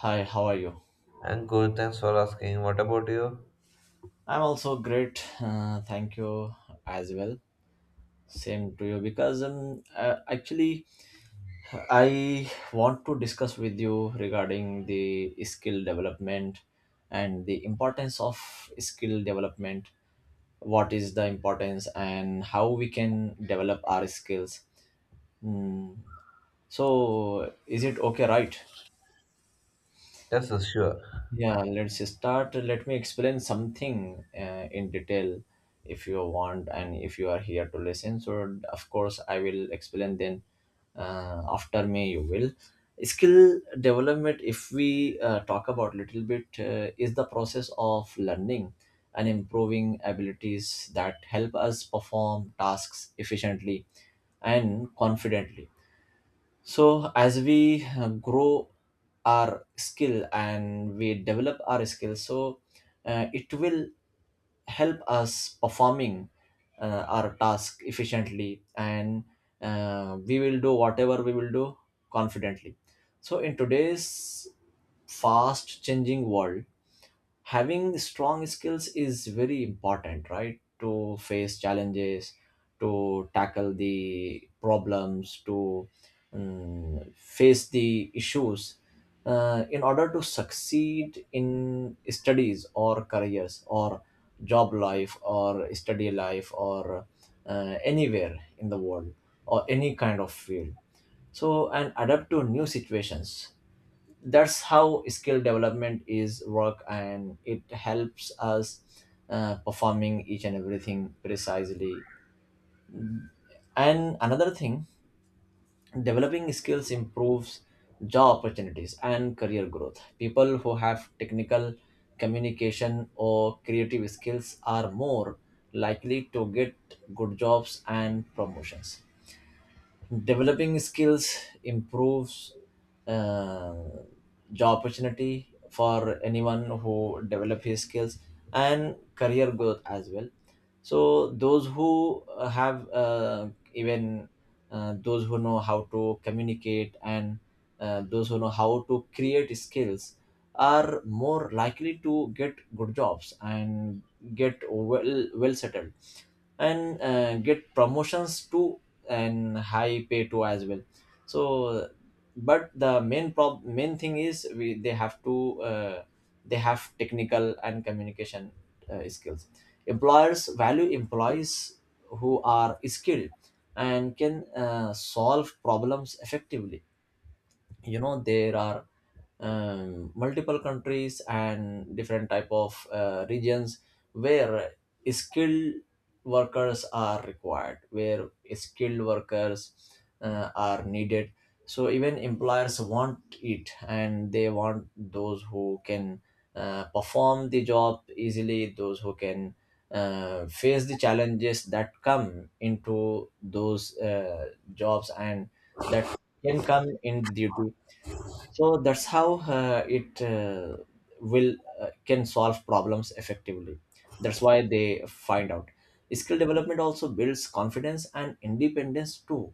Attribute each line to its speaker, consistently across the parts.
Speaker 1: Hi, how are you?
Speaker 2: And good, thanks for asking. What about you?
Speaker 1: I'm also great. Thank you as well. Same to you because actually, I want to discuss with you regarding the skill development and the importance of skill development. What is the importance and how we can develop our skills? Mm, So, is it okay, right?
Speaker 2: Yes, yes, sure.
Speaker 1: Yeah, let's start. Let me explain something in detail if you want and if you are here to listen. So, of course, I will explain then after me, you will. Skill development, if we talk about little bit, is the process of learning and improving abilities that help us perform tasks efficiently and confidently, so as we grow our skill and we develop our skill, so it will help us performing our task efficiently, and we will do whatever we will do confidently. So in today's fast changing world, having strong skills is very important, right, to face challenges, to tackle the problems, to face the issues in order to succeed in studies or careers or job life or study life or anywhere in the world or any kind of field, so and adapt to new situations. That's how skill development is work and it helps us performing each and everything precisely. And another thing, developing skills improves job opportunities and career growth. People who have technical, communication or creative skills are more likely to get good jobs and promotions. Developing skills improves uh, job opportunity for anyone who develop his skills and career growth as well. So those who have even those who know how to communicate and those who know how to create skills are more likely to get good jobs and get well settled and get promotions too and high pay too as well, so but the main thing is we they have to they have technical and communication skills. Employers value employees who are skilled and can solve problems effectively. You know there are multiple countries and different type of regions where skilled workers are required, where skilled workers are needed. So even employers want it and they want those who can perform the job easily, those who can face the challenges that come into those jobs and that can come in the duty. So that's how it will can solve problems effectively. That's why they find out skill development also builds confidence and independence too.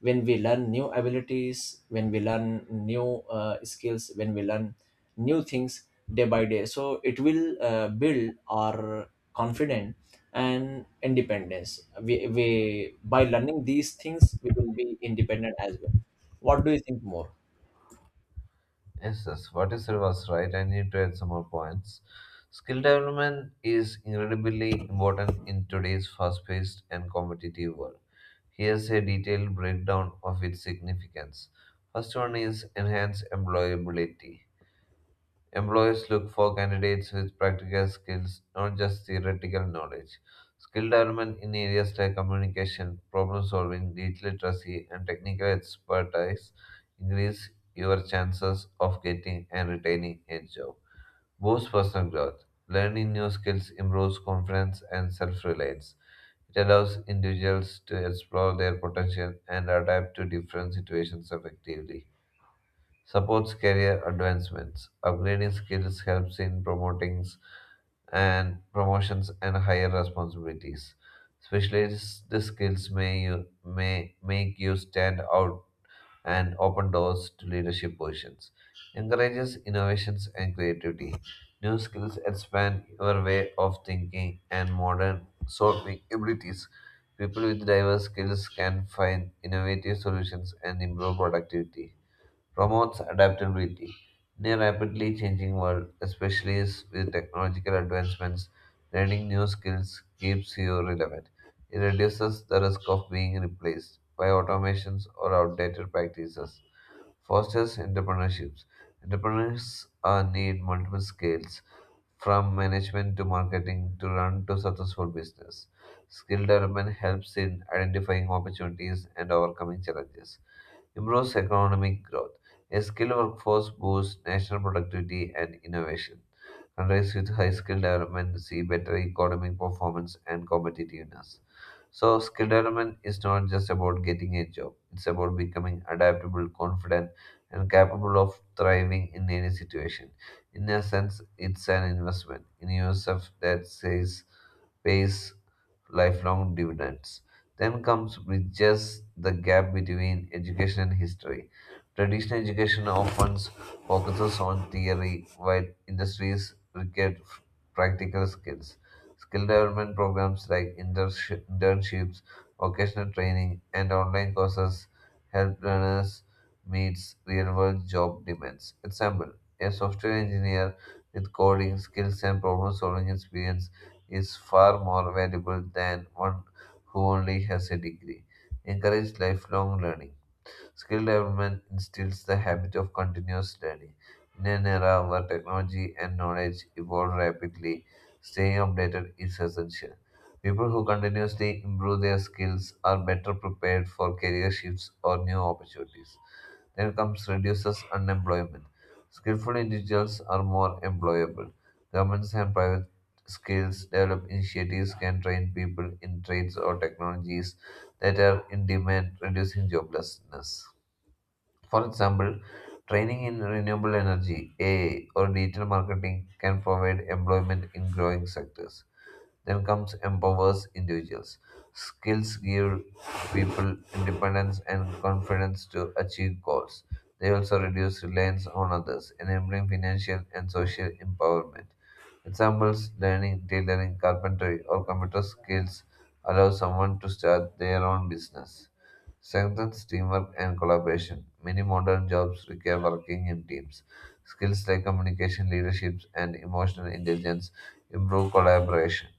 Speaker 1: When we learn new abilities, when we learn new skills, when we learn new things day by day, so it will build our confidence and independence. We by learning these things we will be independent as well. What do you think more?
Speaker 2: Yes, yes. What you said was right. I need to add some more points. Skill development is incredibly important in today's fast-paced and competitive world. Here's a detailed breakdown of its significance. First one is enhanced employability. Employers look for candidates with practical skills, not just theoretical knowledge. Skill development in areas like communication, problem solving, digital literacy, and technical expertise increase your chances of getting and retaining a job. Boost personal growth. Learning new skills improves confidence and self reliance. It allows individuals to explore their potential and adapt to different situations effectively supports career advancements. Upgrading skills helps in promotings and promotions and higher responsibilities. Specialist skills may make you stand out and open doors to leadership positions. Encourages innovations and creativity. New skills expand your way of thinking and modern solving abilities. People with diverse skills can find innovative solutions and improve productivity promotes adaptability. In a rapidly changing world, with technological advancements, learning new skills keeps you relevant. It reduces the risk of being replaced by automations or outdated practices. Fosters entrepreneurships. Entrepreneurs need multiple skills, from management to marketing, to run to successful business. Skill development helps in identifying opportunities and overcoming challenges improves economic growth. A skilled workforce boosts national productivity and innovation. Countries with high skill development see better economic performance and competitiveness. So, skill development is not just about getting a job, it's about becoming adaptable, confident, and capable of thriving in any situation. In a sense, it's an investment in yourself that says pays lifelong dividends. Then comes bridges the gap between education and history. Traditional education often focuses on theory, while industries require practical skills. Skill development programs like internships, vocational training, and online courses help learners meet real-world job demands. Example: a software engineer with coding skills and problem solving experience is far more valuable than one who only has a degree. Encourage lifelong learning. Skill development instills the habit of continuous learning. In an era where technology and knowledge evolve rapidly, staying updated is essential. People who continuously improve their skills are better prepared for career shifts or new opportunities. Then comes reduces unemployment. Skillful individuals are more employable. Governments and private skills develop initiatives can train people in trades or technologies that are in demand, reducing joblessness. For example, training in renewable energy, AI, or digital marketing can provide employment in growing sectors. Then comes empowers individuals. Skills give people independence and confidence to achieve goals. They also reduce reliance on others, enabling financial and social empowerment. Examples learning tailoring, carpentry, or computer skills allow someone to start their own business strengthens teamwork and collaboration. Many modern jobs require working in teams. Skills like communication, leadership, and emotional intelligence improve collaboration.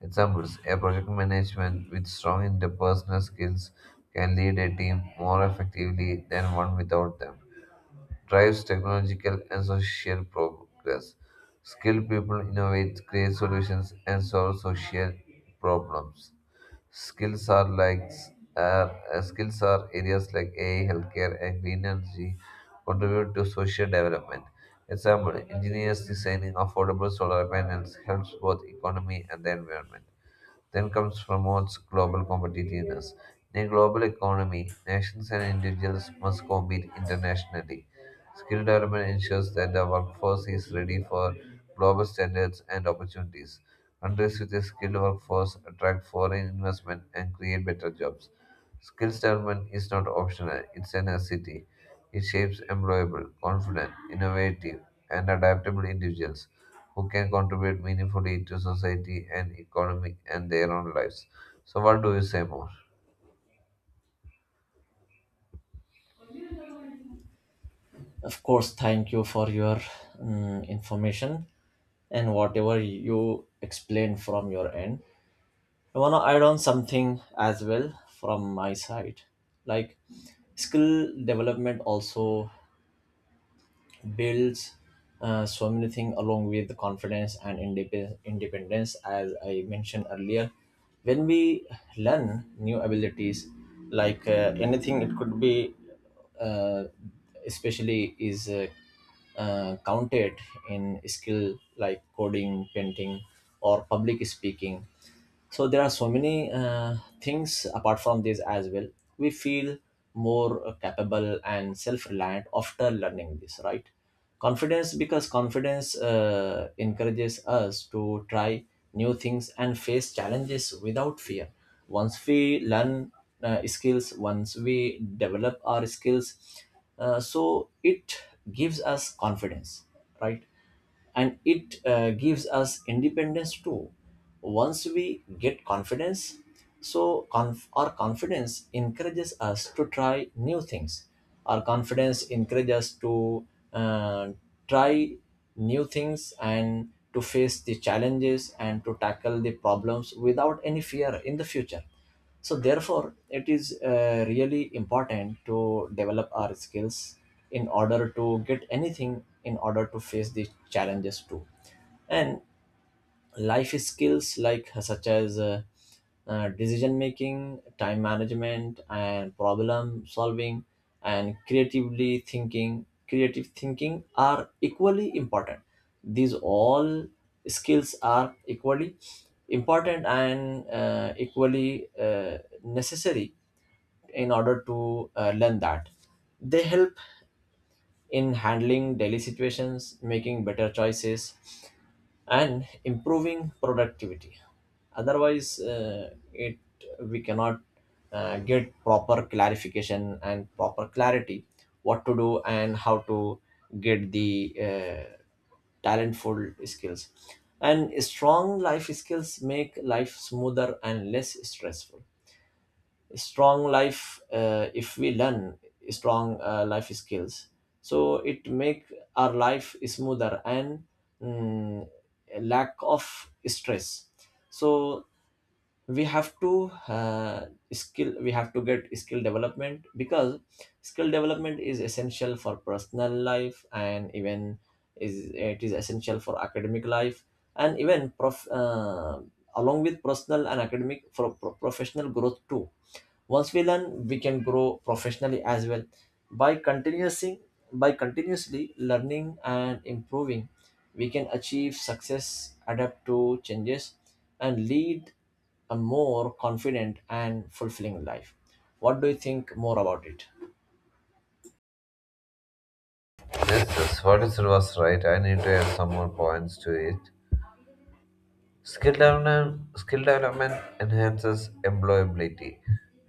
Speaker 2: Examples a project management with strong interpersonal skills can lead a team more effectively than one without them. Drives technological and social progress. Skilled people innovate, create solutions, and solve social problems. Skills are like skills are areas like AI, healthcare, and green energy contribute to social development. Example: engineers designing affordable solar panels helps both economy and the environment. Then comes promotes global competitiveness. In a global economy, nations and individuals must compete internationally. Skill development ensures that the workforce is ready for global standards and opportunities. Countries with a skilled workforce attract foreign investment and create better jobs. Skills development is not optional, it's a necessity. It shapes employable, confident, innovative, and adaptable individuals who can contribute meaningfully to society and economy and their own lives. So, what do you say more?
Speaker 1: Of course, thank you for your information and whatever you explained from your end. I want to add on something as well from my side. Like skill development also builds so many things along with the confidence and independence as I mentioned earlier. When we learn new abilities, like anything, it could be uh, especially is counted in skill like coding, painting or public speaking. So there are so many things apart from this as well. We feel more capable and self-reliant after learning this, right? Confidence, because confidence encourages us to try new things and face challenges without fear. Once we learn skills, once we develop our skills, so it gives us confidence, right, and it gives us independence too. Once we get confidence, so our confidence encourages us to try new things, our confidence encourages us to uh, try new things and to face the challenges and to tackle the problems without any fear in the future. So therefore it is really important to develop our skills in order to get anything, in order to face the challenges too. And life skills like such as decision making, time management and problem solving and creative thinking are equally important. These all skills are equally important and equally necessary in order to learn that. They help in handling daily situations, making better choices and improving productivity. Otherwise it we cannot get proper clarification and proper clarity what to do and how to get the talentful skills. And strong life skills make life smoother and less stressful. Strong life If we learn strong life skills, so it make our life smoother and mm, lack of stress. So we have to skill we have to get skill development because skill development is essential for personal life and even is it is essential for academic life, and even along with personal and academic for professional growth too. Once we learn, we can grow professionally as well. By continuously by continuously learning and improving, we can achieve success, adapt to changes and lead a more confident and fulfilling life. What do you think more about it?
Speaker 2: Yes, yes, what is was right. I need to add some more points to it. Skill development enhances employability.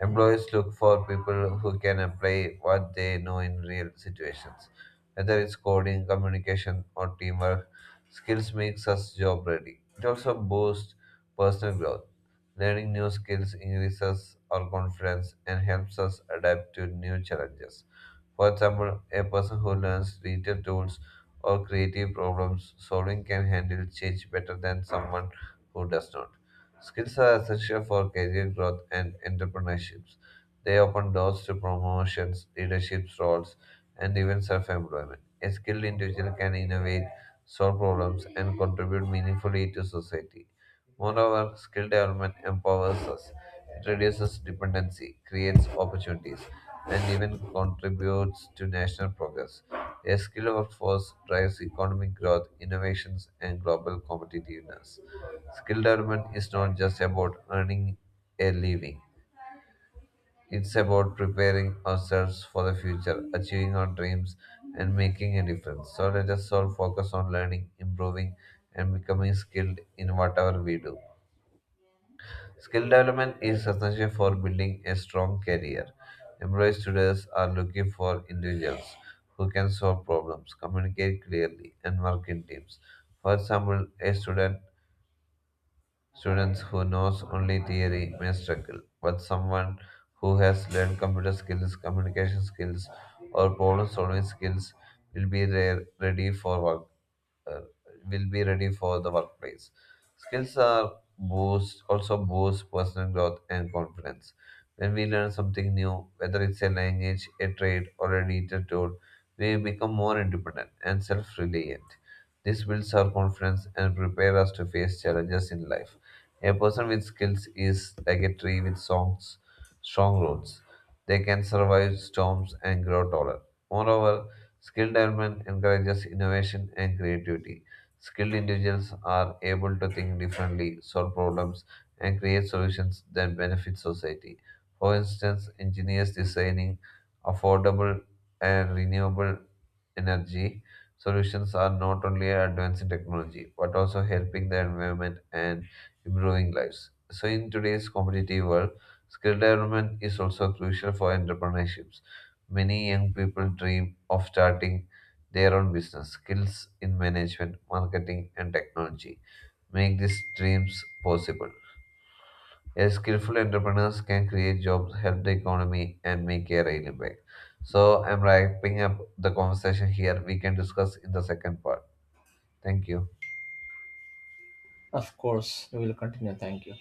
Speaker 2: Employers look for people who can apply what they know in real situations. Whether it's coding, communication, or teamwork, skills makes us job ready. It also boosts personal growth. Learning new skills increases our confidence and helps us adapt to new challenges. For example, a person who learns digital tools or creative problems solving can handle change better than someone who does not. Skills are essential for career growth and entrepreneurships. They open doors to promotions, leadership roles, and even self employment. A skilled individual can innovate, solve problems, and contribute meaningfully to society. Moreover, skill development empowers us. It reduces dependency, creates opportunities, and even contributes to national progress. A skilled workforce drives economic growth, innovations, and global competitiveness. Skill development is not just about earning a living, it's about preparing ourselves for the future, achieving our dreams, and making a difference. So let us all focus on learning, improving, and becoming skilled in whatever we do. Skill development is essential for building a strong career. Employees today are looking for individuals who can solve problems, communicate clearly, and work in teams. For example, a student students who knows only theory may struggle, but someone who has learned computer skills, communication skills, or problem solving skills ready for work. Uh, will be ready for the workplace. Skills are boost also boost personal growth and confidence. When we learn something new, whether it's a language, a trade, or a digital tool, we become more independent and self-reliant. This builds our confidence and prepares us to face challenges in life. A person with skills is like a tree with songs, strong roots. They can survive storms and grow taller. Moreover, skill development encourages innovation and creativity. Skilled individuals are able to think differently, solve problems, and create solutions that benefit society. For instance, engineers designing affordable and renewable energy solutions are not only advancing technology but also helping the environment and improving lives. So, in today's competitive world, skill development is also crucial for entrepreneurships. Many young people dream of starting their own business. Skills in management, marketing, and technology make these dreams possible. A skillful entrepreneurs can create jobs, help the economy, and make a real impact. So, I'm wrapping up the conversation here. We can discuss in the second part. Thank you.
Speaker 1: Of course, we will continue. Thank you.